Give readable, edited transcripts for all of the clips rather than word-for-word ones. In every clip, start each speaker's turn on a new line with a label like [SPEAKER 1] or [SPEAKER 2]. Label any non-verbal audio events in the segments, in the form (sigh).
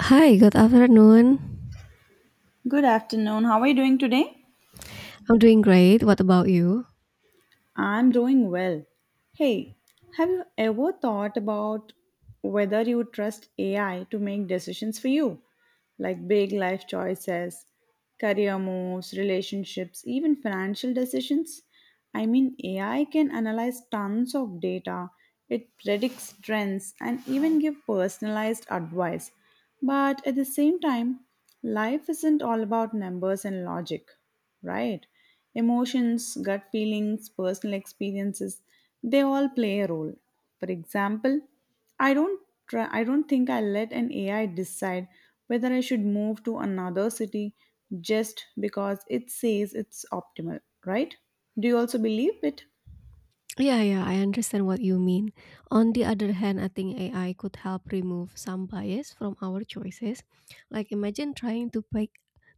[SPEAKER 1] Hi, good afternoon.
[SPEAKER 2] Good afternoon. How are you doing today?
[SPEAKER 1] I'm doing great. What about you?
[SPEAKER 2] I'm doing well. Hey, have you ever thought about whether you trust AI to make decisions for you? Like big life choices, career moves, relationships, even financial decisions? I mean, AI can analyze tons of data, it predicts trends, and even give personalized advice. But at the same time, life isn't all about numbers and logic, right? Emotions, gut feelings, personal experiences, they all play a role. For example, I don't I don't think I let an AI decide whether I should move to another city just because it says it's optimal, right? Do you also believe it?
[SPEAKER 1] Yeah, yeah, I understand what you mean. On the other hand, I think AI could help remove some bias from our choices. Like imagine trying to pick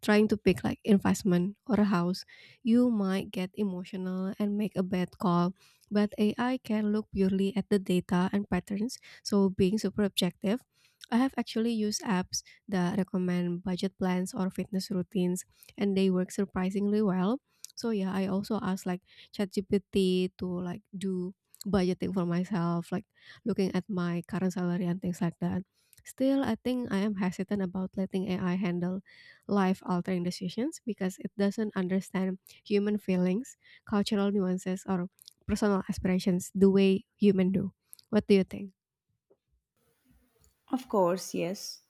[SPEAKER 1] like investment or a house. You might get emotional and make a bad call, but AI can look purely at the data and patterns, so being super objective. I have actually used apps that recommend budget plans or fitness routines and they work surprisingly well. So yeah, I also ask like ChatGPT to like do budgeting for myself, like looking at my current salary and things like that. Still, I think I am hesitant about letting AI handle life altering decisions because it doesn't understand human feelings, cultural nuances, or personal aspirations the way human do. What do you think?
[SPEAKER 2] Of course, yes.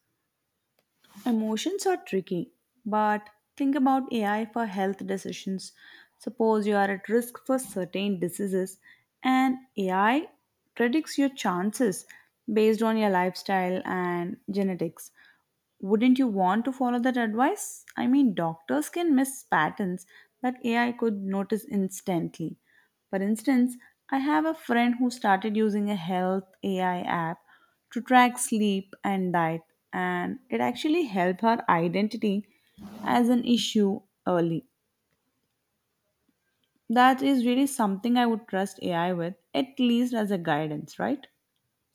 [SPEAKER 2] Emotions are tricky, but think about AI for health decisions. Suppose you are at risk for certain diseases, and AI predicts your chances based on your lifestyle and genetics. Wouldn't you want to follow that advice? I mean, doctors can miss patterns that AI could notice instantly. For instance, I have a friend who started using a health AI app to track sleep and diet, and it actually helped her identity as an issue early. That is really something I would trust AI with, at least as a
[SPEAKER 1] Mm-hmm.
[SPEAKER 2] guidance, right?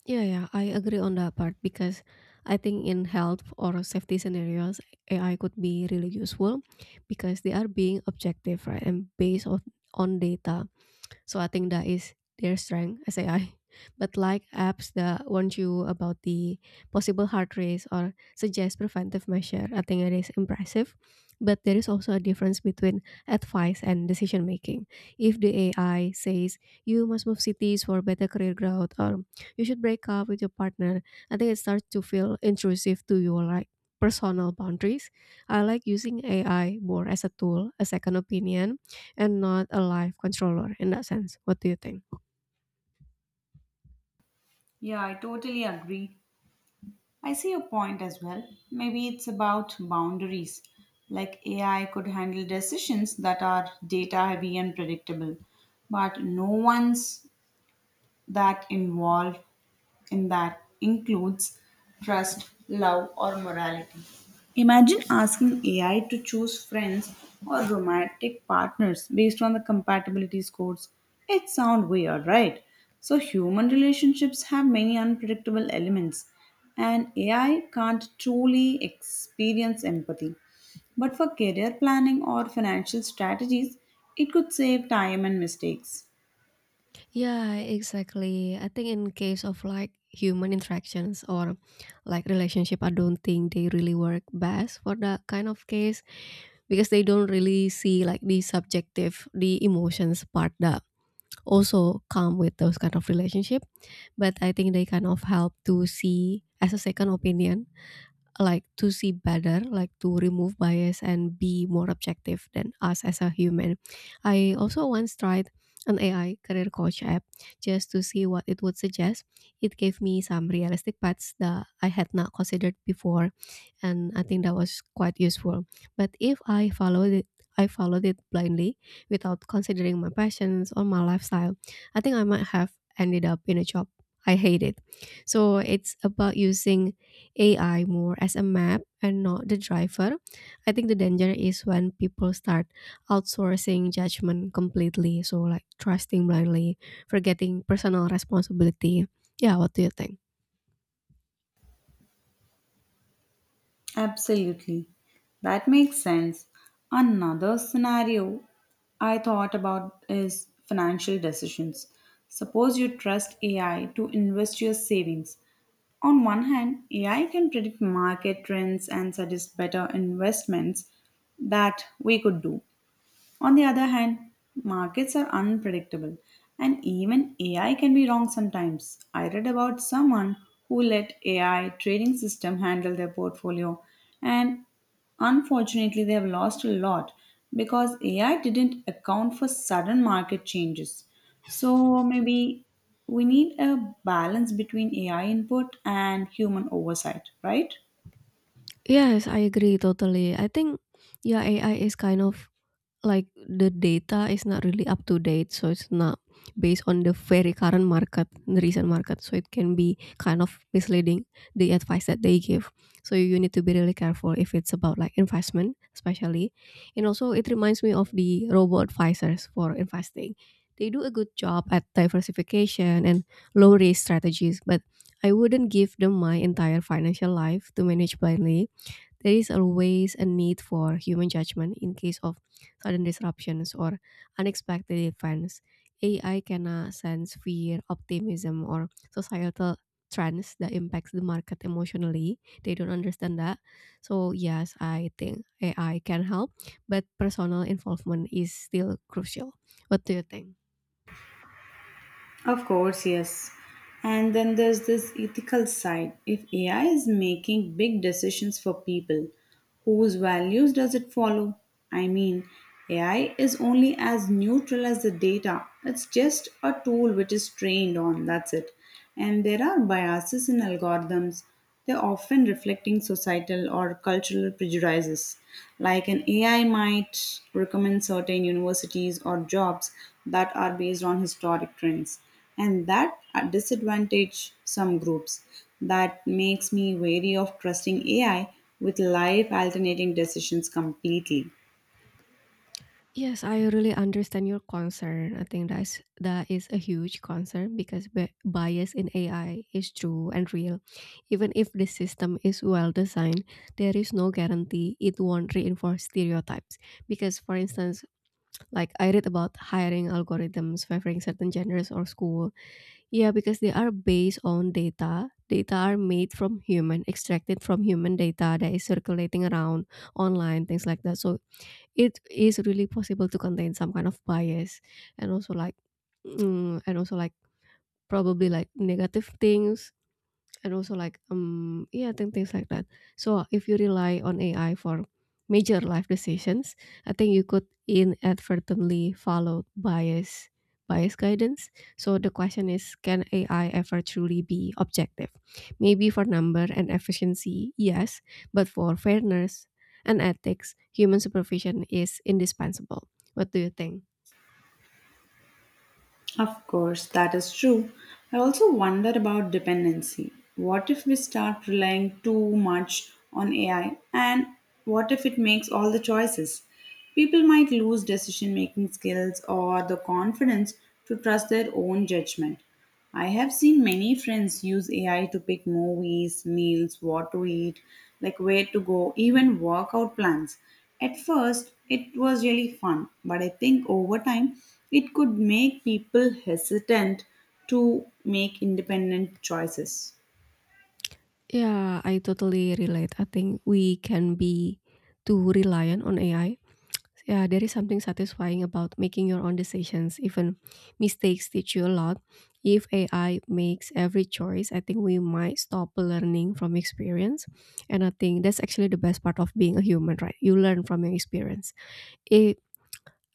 [SPEAKER 1] Yeah, yeah, I agree on that part because I think in health or safety scenarios, AI could be really useful because they are being objective, right, and based on data. So I think that is their strength as AI. (laughs) But like apps that warn you about the possible heart race or suggest preventive measure, I think it is impressive. But there is also a difference between advice and decision making. If the AI says you must move cities for better career growth or you should break up with your partner, I think it starts to feel intrusive to your like personal boundaries. I like using AI more as a tool, a second opinion, and not a live controller in that sense. What do you think?
[SPEAKER 2] Yeah, I totally agree. I see your point as well. Maybe it's about boundaries. Like AI could handle decisions that are data heavy and predictable, but no ones that involve and that includes trust, love, or morality. Imagine asking AI to choose friends or romantic partners based on the compatibility scores. It sounds weird, right? So, human relationships have many unpredictable elements, and AI can't truly experience empathy. But for career planning or financial strategies, it could save time and mistakes.
[SPEAKER 1] Yeah, exactly. I think in case of like human interactions or like relationship, I don't think they really work best for that kind of case because they don't really see like the subjective, the emotions part that also come with those kind of relationship. But I think they kind of help to see as a second opinion like to see better, like to remove bias and be more objective than us as a human. I also once tried an AI career coach app just to see what it would suggest. It gave me some realistic paths that I had not considered before, and I think that was quite useful. But if I followed it, I followed it blindly without considering my passions or my lifestyle. I think I might have ended up in a job I hated. So it's about using AI more as a map and not the driver. I think the danger is when people start outsourcing judgment completely. So, like trusting blindly, forgetting personal responsibility. Yeah, what do you think?
[SPEAKER 2] Absolutely. That makes sense. Another scenario I thought about is financial decisions. Suppose you trust AI to invest your savings. On one hand, AI can predict market trends and suggest better investments that we could do. On the other hand, markets are unpredictable and even AI can be wrong sometimes. I read about someone who let AI trading system handle their portfolio and unfortunately they have lost a lot because AI didn't account for sudden market changes. So maybe we need a balance between AI input and human oversight, right?
[SPEAKER 1] Yes, I agree totally. I think, yeah, AI is kind of like the data is not really up to date, so it's not based on the very current market, the recent market, so it can be kind of misleading the advice that they give. So you need to be really careful if it's about like investment especially. And also, it reminds me of the robo advisors for investing. They do a good job at diversification and low risk strategies, but I wouldn't give them my entire financial life to manage blindly. There is always a need for human judgment in case of sudden disruptions or unexpected events. AI cannot sense fear, optimism, or societal trends that impacts the market emotionally. They don't understand that. So yes, I think AI can help, but personal involvement is still crucial. What do you think?
[SPEAKER 2] Of course, yes. And then there's this ethical side. If AI is making big decisions for people, whose values does it follow? I mean, AI is only as neutral as the data. It's just a tool which is trained on, that's it. And there are biases in algorithms. They're often reflecting societal or cultural prejudices. Like an AI might recommend certain universities or jobs that are based on historic trends and that at disadvantage some groups. That makes me wary of trusting AI with live alternating decisions completely.
[SPEAKER 1] Yes, I really understand your concern. I think that is a huge concern because bias in AI is true and real. Even if the system is well designed, there is no guarantee it won't reinforce stereotypes. Because, for instance, like I read about hiring algorithms favoring certain genders or school. Yeah, because they are based on data. Data are made from human, extracted from human data that is circulating around online, things like that. So it is really possible to contain some kind of bias, and also like and also like probably like negative things, and also like yeah, think things like that. So if you rely on AI for major life decisions, I think you could inadvertently follow bias guidance. So the question is, can AI ever truly be objective? Maybe for number and efficiency, yes. But for fairness and ethics, human supervision is indispensable. What do you think?
[SPEAKER 2] Of course, that is true. I also wonder about dependency. What if we start relying too much on AI and what if it makes all the choices? People might lose decision making skills or the confidence to trust their own judgment. I have seen many friends use AI to pick movies, meals, what to eat, like where to go, even workout plans. At first, it was really fun, but I think over time, it could make people hesitant to make independent choices.
[SPEAKER 1] Yeah, I totally relate. I think we can be too reliant on AI. Yeah, there is something satisfying about making your own decisions. Even mistakes teach you a lot. If AI makes every choice, I think we might stop learning from experience. And I think that's actually the best part of being a human, right? You learn from your experience. It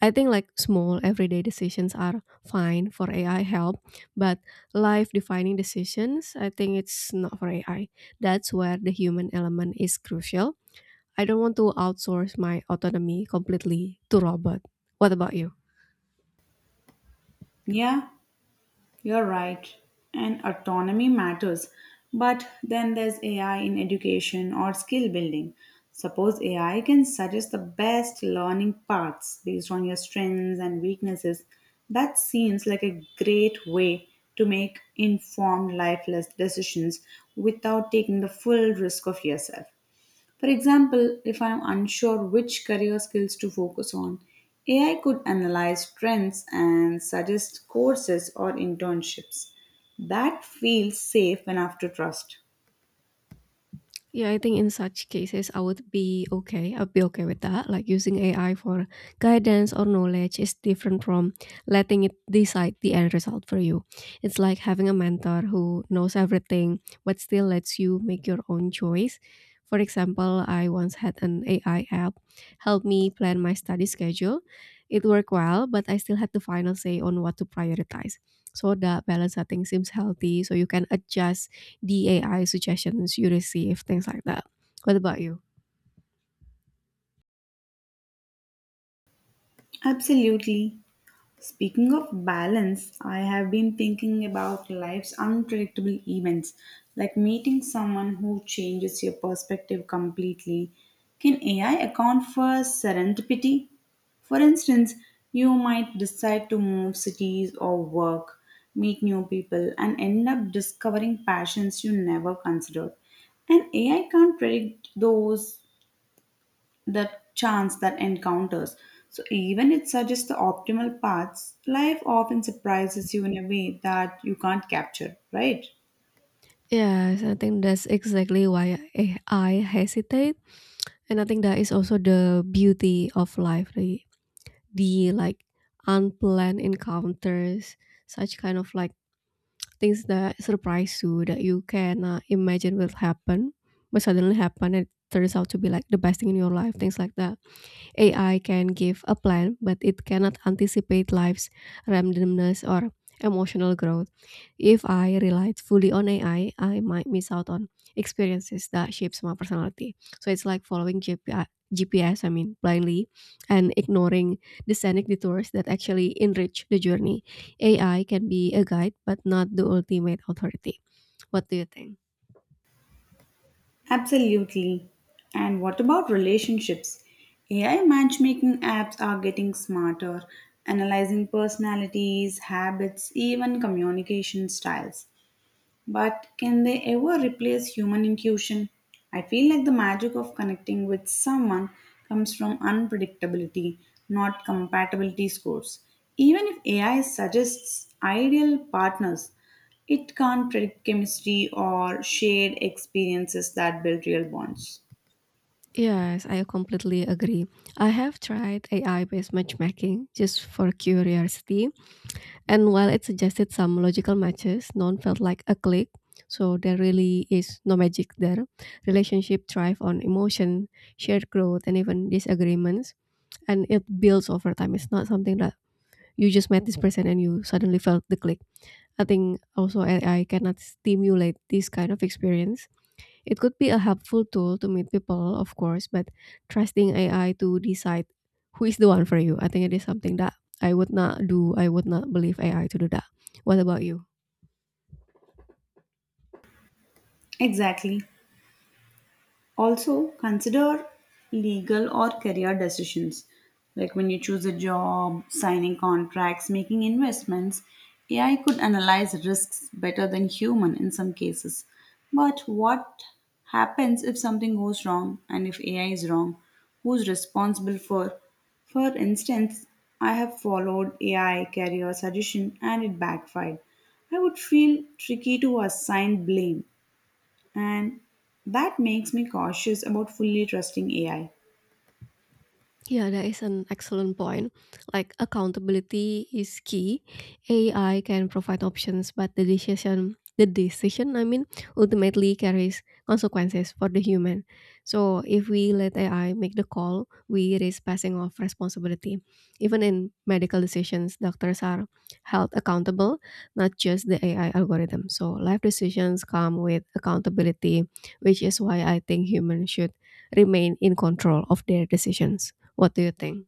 [SPEAKER 1] I think like small everyday decisions are fine for AI help, but life defining decisions, I think it's not for AI. That's where the human element is crucial. I don't want to outsource my autonomy completely to robot. What about you?
[SPEAKER 2] Yeah. You're right, and autonomy matters. But then there's AI in education or skill building. Suppose AI can suggest the best learning paths based on your strengths and weaknesses. That seems like a great way to make informed lifeless decisions without taking the full risk of yourself. For example, if I am unsure which career skills to focus on, AI could analyze trends and suggest courses or internships. That feels safe enough to trust.
[SPEAKER 1] Yeah, I think in such cases, I would be okay. I'd be okay with that. Like using AI for guidance or knowledge is different from letting it decide the end result for you. It's like having a mentor who knows everything, but still lets you make your own choice. For example, I once had an AI app help me plan my study schedule. It worked well, but I still had the final say on what to prioritize. So that balance, I think, seems healthy. So you can adjust the AI suggestions you receive, things like that. What about you?
[SPEAKER 2] Absolutely. Speaking of balance, I have been thinking about life's unpredictable events, like meeting someone who changes your perspective completely. Can AI account for serendipity? For instance, you might decide to move cities or work, meet new people, and end up discovering passions you never considered. And AI can't predict those the chance that encounters. So even it suggests the optimal paths, life often surprises you in a way that you can't capture, right?
[SPEAKER 1] Yes, I think that's exactly why I hesitate. And I think that is also the beauty of life, the like unplanned encounters, such kind of like things that surprise you that you cannot imagine will happen, but suddenly happen. It turns out to be like the best thing in your life, things like that. AI can give a plan, but it cannot anticipate life's randomness or emotional growth. If I relied fully on AI, I might miss out on experiences that shapes my personality. So it's like following GPI GPS, I G P S, I mean, blindly, and ignoring the scenic detours that actually enrich the journey. AI can be a guide, but not the ultimate authority. What do you think?
[SPEAKER 2] Absolutely. And what about relationships? AI matchmaking apps are getting smarter, analyzing personalities, habits, even communication styles. But can they ever replace human intuition? I feel like the magic of connecting with someone comes from unpredictability, not compatibility scores. Even if AI suggests ideal partners, it can't predict chemistry or shared experiences that build real bonds.
[SPEAKER 1] Yes, I completely agree. I have tried AI based matchmaking just for curiosity. And while it suggested some logical matches, none felt like a click. So there really is no magic there. Relationship thrive on emotion, shared growth, and even disagreements. And it builds over time. It's not something that you just met this person and you suddenly felt the click. I think also AI cannot stimulate this kind of experience. It could be a helpful tool to meet people, of course, but trusting AI to decide who is the one for you, I think it is something that I would not do. I would not believe AI to do that. What about you?
[SPEAKER 2] Exactly. Also, consider legal or career decisions. Like when you choose a job, signing contracts, making investments, AI could analyze risks better than human in some cases. But what happens if something goes wrong and if AI is wrong? Who's responsible for? For instance, I have followed AI career suggestion and it backfired. I would feel tricky to assign blame and that makes me cautious about fully trusting AI.
[SPEAKER 1] Yeah, that is an excellent point. Like accountability is key. AI can provide options, but the decision, I mean, ultimately carries consequences for the human. So if we let AI make the call, we risk passing off responsibility. Even in medical decisions, doctors are held accountable, not just the AI algorithm. So life decisions come with accountability, which is why I think humans should remain in control of their decisions. What do you think?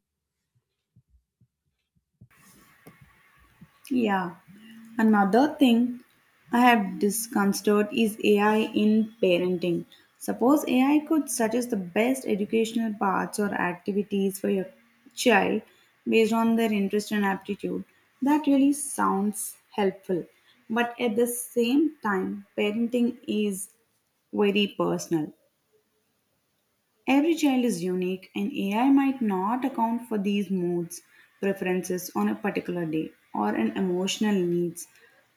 [SPEAKER 2] Yeah. Another thing I have disconsidered is AI in parenting. Suppose AI could suggest the best educational paths or activities for your child based on their interest and aptitude. That really sounds helpful. But at the same time, parenting is very personal. Every child is unique, and AI might not account for these moods, preferences on a particular day, or an emotional needs.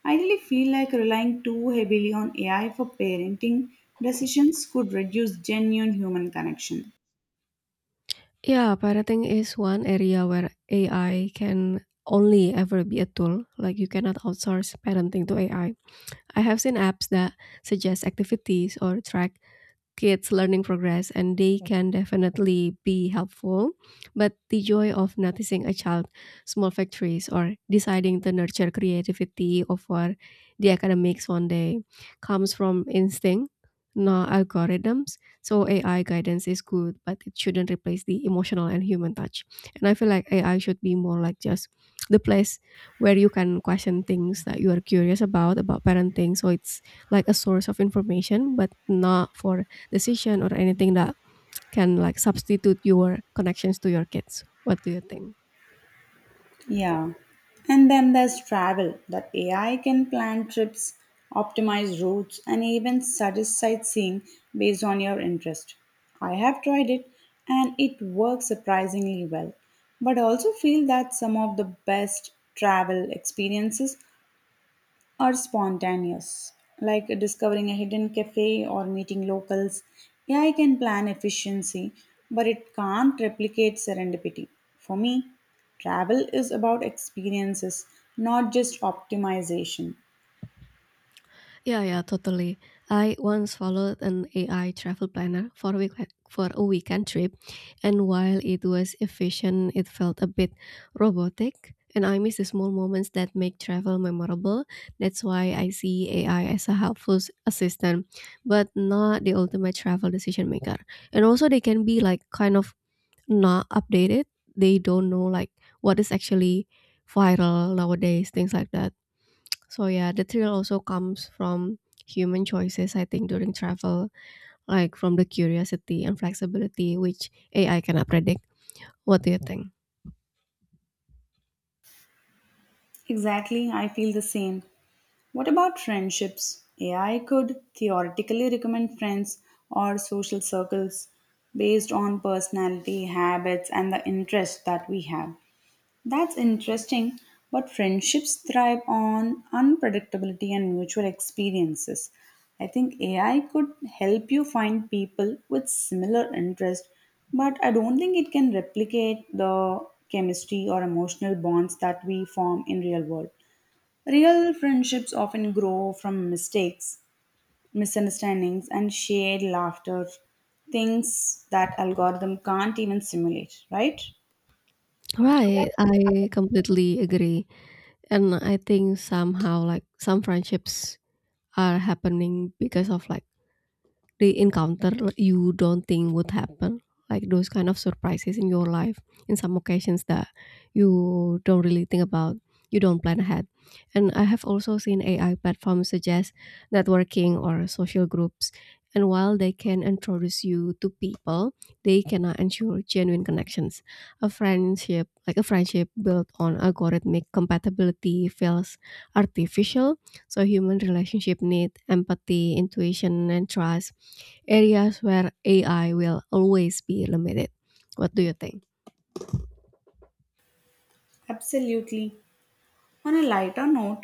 [SPEAKER 2] I really feel like relying too heavily on AI for parenting decisions could reduce genuine human connection.
[SPEAKER 1] Yeah, parenting is one area where AI can only ever be a tool. Like you cannot outsource parenting to AI. I have seen apps that suggest activities or track kids' learning progress, and they can definitely be helpful. But the joy of noticing a child, small victories, or deciding to nurture creativity over the academics one day comes from instinct, not algorithms. So AI guidance is good, but it shouldn't replace the emotional and human touch. And I feel like AI should be more like just the place where you can question things that you are curious about parenting. So it's like a source of information, but not for decision or anything that can like substitute your connections to your kids. What do you think?
[SPEAKER 2] Yeah. And then there's travel that AI can plan trips, optimize routes, and even suggest sightseeing based on your interest. I have tried it and it works surprisingly well. But I also feel that some of the best travel experiences are spontaneous, like discovering a hidden cafe or meeting locals. AI can plan efficiency, but it can't replicate serendipity. For me, travel is about experiences, not just optimization.
[SPEAKER 1] Yeah, yeah, totally. I once followed an AI travel planner for a weekend trip, and while it was efficient, it felt a bit robotic, and I miss the small moments that make travel memorable. That's why I see AI as a helpful assistant, but not the ultimate travel decision maker. And also, they can be like kind of not updated. They don't know like what is actually viral nowadays, things like that. So yeah, the thrill also comes from human choices, I think, during travel, like from the curiosity and flexibility which AI cannot predict. What do you think?
[SPEAKER 2] Exactly, I feel the same. What about friendships? AI could theoretically recommend friends or social circles based on personality, habits, and the interest that we have. That's interesting, but friendships thrive on unpredictability and mutual experiences. I think AI could help you find people with similar interests, but I don't think it can replicate the chemistry or emotional bonds that we form in real world. Real friendships often grow from mistakes, misunderstandings, and shared laughter, things that algorithm can't even simulate, right?
[SPEAKER 1] Right, I completely agree. And I think somehow like some friendships are happening because of like they encounter you don't think would happen, like those kind of surprises in your life in some occasions that you don't really think about, you don't plan ahead. And I have also seen ai platforms suggest networking or social groups, and while they can introduce you to people, they cannot ensure genuine connections. A friendship built on algorithmic compatibility feels artificial. So human relationship need empathy, intuition, and trust, areas where AI will always be limited. What do you think?
[SPEAKER 2] Absolutely. On a lighter note,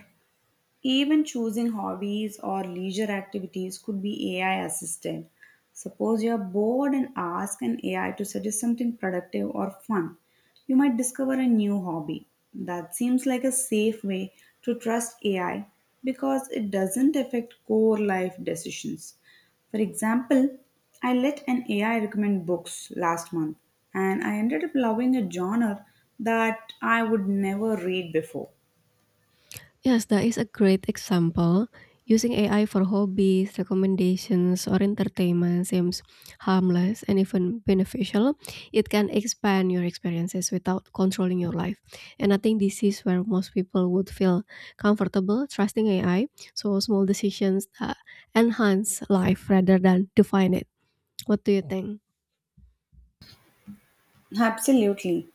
[SPEAKER 2] even choosing hobbies or leisure activities could be AI assisted. Suppose you're bored and ask an AI to suggest something productive or fun. You might discover a new hobby. That seems like a safe way to trust AI because it doesn't affect core life decisions. For example, I let an AI recommend books last month and I ended up loving a genre that I would never read before.
[SPEAKER 1] Yes, that is a great example. Using AI for hobbies, recommendations, or entertainment seems harmless and even beneficial. It can expand your experiences without controlling your life. And I think this is where most people would feel comfortable trusting AI. So, small decisions that enhance life rather than define it. What do you think?
[SPEAKER 2] Absolutely.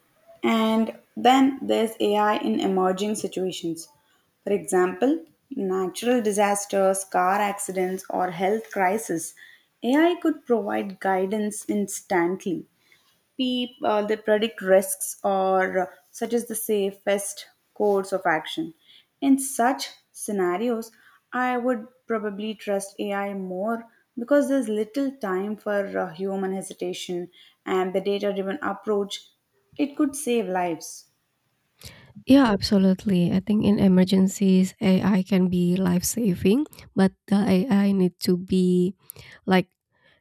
[SPEAKER 2] And then there's AI in emerging situations. For example, natural disasters, car accidents, or health crisis. AI could provide guidance instantly, they predict risks or suggest the safest course of action. In such scenarios, I would probably trust AI more because there's little time for human hesitation and the data driven approach. It could save lives.
[SPEAKER 1] Yeah, absolutely. I think in emergencies, AI can be life saving, but the AI need to be, like,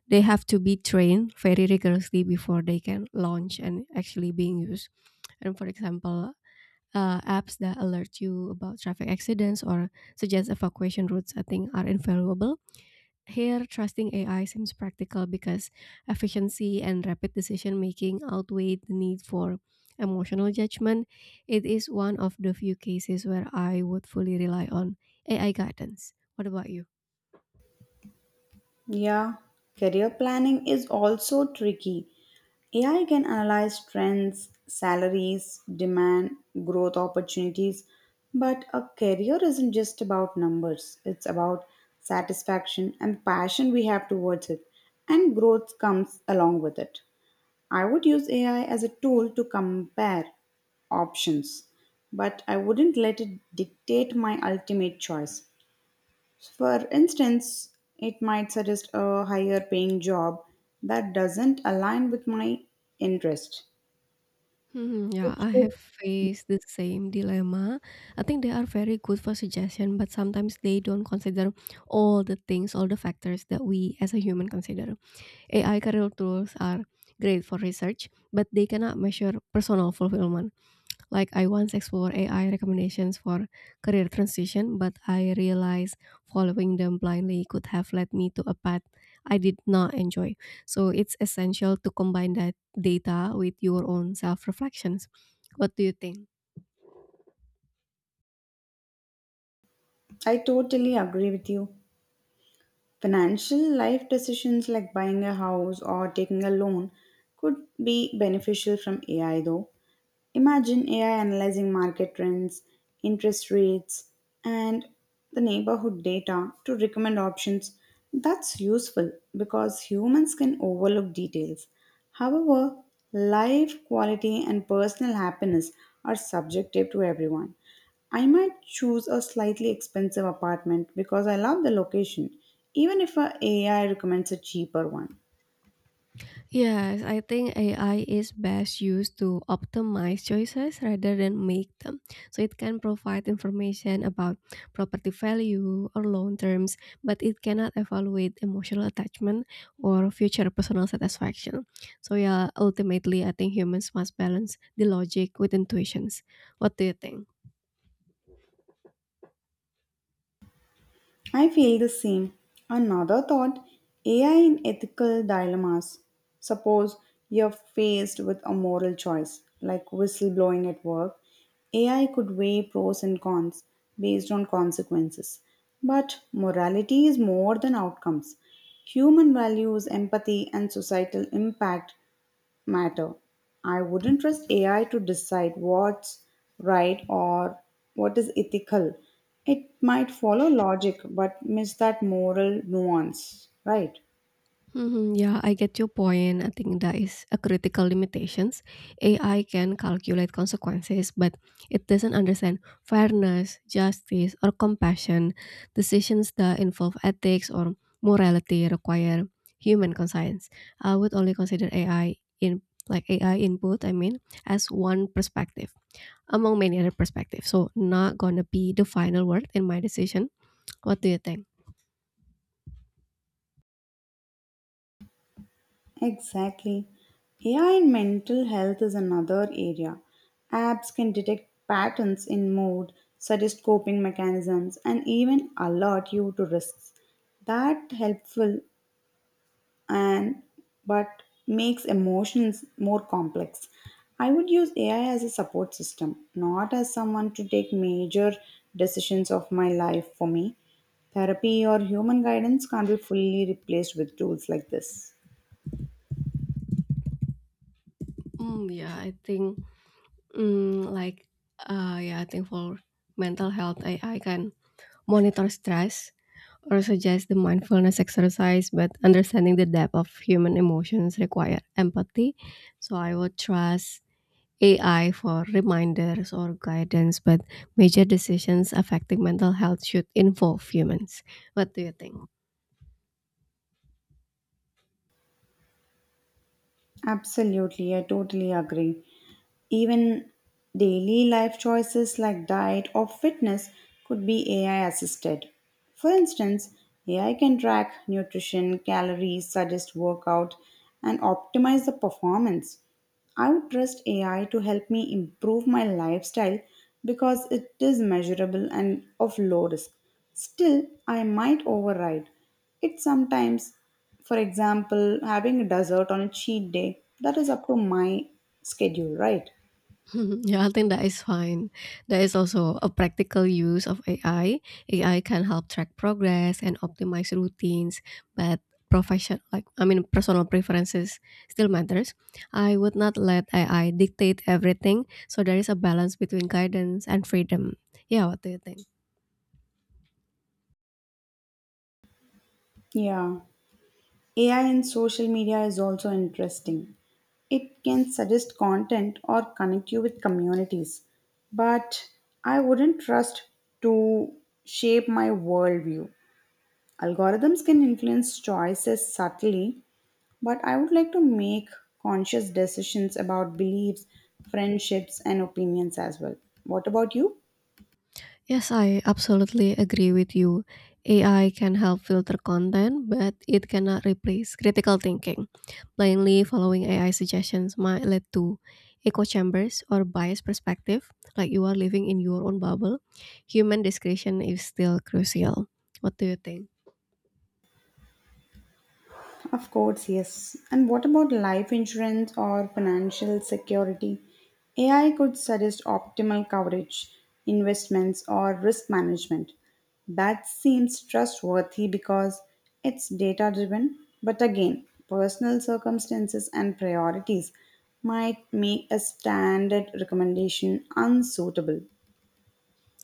[SPEAKER 1] they have to be trained very rigorously before they can launch and actually being used. And for example, apps that alert you about traffic accidents or suggest evacuation routes, I think, are invaluable. Here, trusting AI seems practical because efficiency and rapid decision making outweigh the need for emotional judgment. It is one of the few cases where I would fully rely on AI guidance. What about you?
[SPEAKER 2] Yeah, career planning is also tricky. AI can analyze trends, salaries, demand, growth opportunities, but a career isn't just about numbers. It's about satisfaction and passion we have towards it, and growth comes along with it. I would use AI as a tool to compare options, but I wouldn't let it dictate my ultimate choice. So, for instance, it might suggest a higher paying job that doesn't align with my interest,
[SPEAKER 1] Mhm, yeah,
[SPEAKER 2] which
[SPEAKER 1] I
[SPEAKER 2] could.
[SPEAKER 1] have faced the same dilemma. I think they are very good for suggestion, but sometimes they don't consider all the things, all the factors that we as a human consider. AI career tools are great for research, but they cannot measure personal fulfillment. Like I once explored AI recommendations for career transition, but I realized following them blindly could have led me to a path I did not enjoy. So it's essential to combine that data with your own self reflections. What do you think?
[SPEAKER 2] I totally agree with you. Financial life decisions like buying a house or taking a loan could be beneficial from AI though. Imagine AI analyzing market trends, interest rates, and the neighborhood data to recommend options. That's useful because humans can overlook details. However, life quality and personal happiness are subjective to everyone. I might choose a slightly expensive apartment because I love the location, even if a AI recommends a cheaper one.
[SPEAKER 1] Yes, I think AI is best used to optimize choices rather than make them. So it can provide information about property value or loan terms, but it cannot evaluate emotional attachment or future personal satisfaction. So yeah, ultimately I think humans must balance the logic with intuitions. What do you think?
[SPEAKER 2] I feel the same. Another thought, AI in ethical dilemmas. Suppose you're faced with a moral choice, like whistleblowing at work. AI could weigh pros and cons based on consequences. But morality is more than outcomes. Human values, empathy, and societal impact matter. I wouldn't trust AI to decide what's right or what is ethical. It might follow logic but miss that moral nuance, right?
[SPEAKER 1] Mhm, yeah, I get your point. I think that is a critical limitations. AI can calculate consequences, but it doesn't understand fairness, justice, or compassion. Decisions that involve ethics or morality require human conscience. I would only consider AI in, like, AI input, I mean, as one perspective among many other perspectives. So not gonna be the final word in my decision. What do you think?
[SPEAKER 2] Exactly. AI in mental health is another area. Apps can detect patterns in mood, suggest coping mechanisms, and even alert you to risks. That helpful and but makes emotions more complex. I would use AI as a support system, not as someone to take major decisions of my life for me. Therapy or human guidance can't be fully replaced with tools like this.
[SPEAKER 1] Yeah, I think Mm, like, yeah, I think for mental health, AI can monitor stress or suggest the mindfulness exercise, but understanding the depth of human emotions require empathy. So I would trust AI for reminders or guidance, but major decisions affecting mental health should involve humans. What do you think?
[SPEAKER 2] Absolutely, I totally agree. Even daily life choices like diet or fitness could be AI assisted. For instance, AI can track nutrition, calories, suggest workout, and optimize the performance. I would trust AI to help me improve my lifestyle because it is measurable and of low risk. Still, I might override. It sometimes, for example, having a dessert on a cheat day, that is up to my schedule, right?
[SPEAKER 1] (laughs) Mhm. Yeah, I think that is fine. There is also a practical use of AI. AI can help track progress and optimize routines, but profession, like I mean personal preferences, still matters. I would not let AI dictate everything, so there is a balance between guidance and freedom. Yeah, what do you think?
[SPEAKER 2] Yeah. AI in social media is also interesting. It can suggest content or connect you with communities, but I wouldn't trust to shape my worldview. Algorithms can influence choices subtly, but I would like to make conscious decisions about beliefs, friendships, and opinions as well. What about you?
[SPEAKER 1] Yes, I absolutely agree with you. AI can help filter content, but it cannot replace critical thinking. Blindly following AI suggestions might lead to echo chambers or biased perspective, like you are living in your own bubble. Human discretion is still crucial. What do you think?
[SPEAKER 2] Of course, yes. And what about life insurance or financial security? AI could suggest optimal coverage, investments, or risk management. That seems trustworthy because it's data driven, but again, personal circumstances and priorities might make a standard recommendation unsuitable.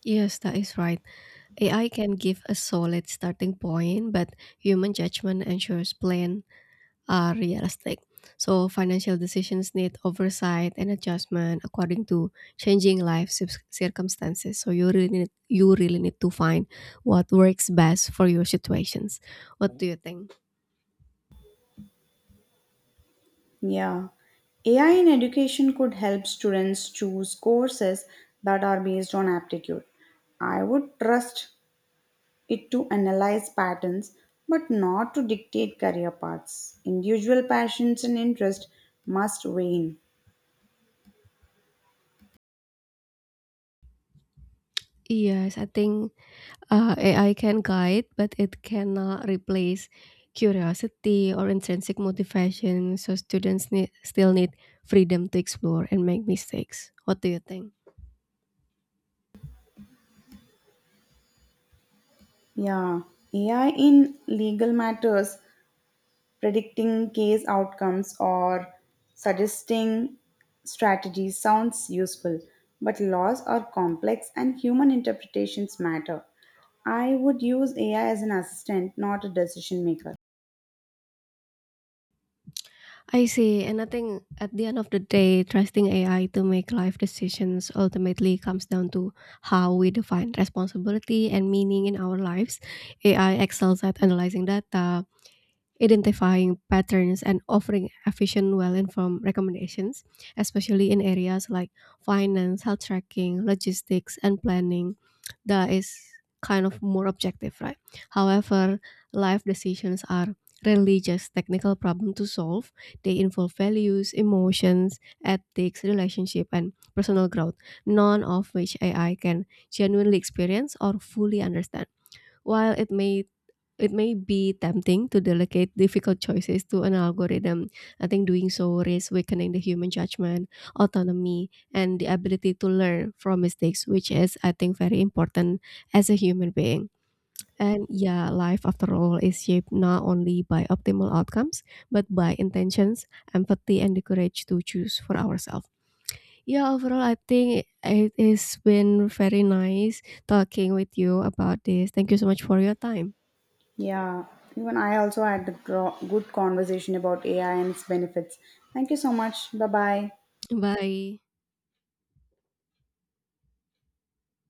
[SPEAKER 1] Yes, that is right. AI can give a solid starting point, but human judgment ensures plain are realistic. So financial decisions need oversight and adjustment according to changing life circumstances. So you really need to find what works best for your situations. What do you think?
[SPEAKER 2] Yeah, AI in education could help students choose courses that are based on aptitude. I would trust it to analyze patterns but not to dictate career paths. Individual passions and interest must reign.
[SPEAKER 1] Yes, I think AI can guide, but it cannot replace curiosity or intrinsic motivation. So students need, still need freedom to explore and make mistakes. What do you think?
[SPEAKER 2] Yeah, AI in legal matters predicting case outcomes or suggesting strategies sounds useful, but laws are complex and human interpretations matter. I would use AI as an assistant, not a decision maker.
[SPEAKER 1] I see. And I think at the end of the day, trusting AI to make life decisions ultimately comes down to how we define responsibility and meaning in our lives. AI excels at analyzing data, identifying patterns and offering efficient, well informed recommendations, especially in areas like finance, health tracking, logistics, and planning, that is kind of more objective, right? However, life decisions are rarely just technical problem to solve. They involve values, emotions, ethics, relationship, and personal growth, none of which AI can genuinely experience or fully understand. While it may be tempting to delegate difficult choices to an algorithm. I think doing so risks weakening the human judgment, autonomy, and the ability to learn from mistakes, which is, I think, very important as a human being. And yeah, life after all is shaped not only by optimal outcomes, but by intentions, empathy, and the courage to choose for ourselves. Yeah, overall, I think it has been very nice talking with you about this. Thank you so much for your time.
[SPEAKER 2] Yeah, even I also had a gro- good conversation about AI and its benefits. Thank you so much. Bye bye.
[SPEAKER 1] Bye.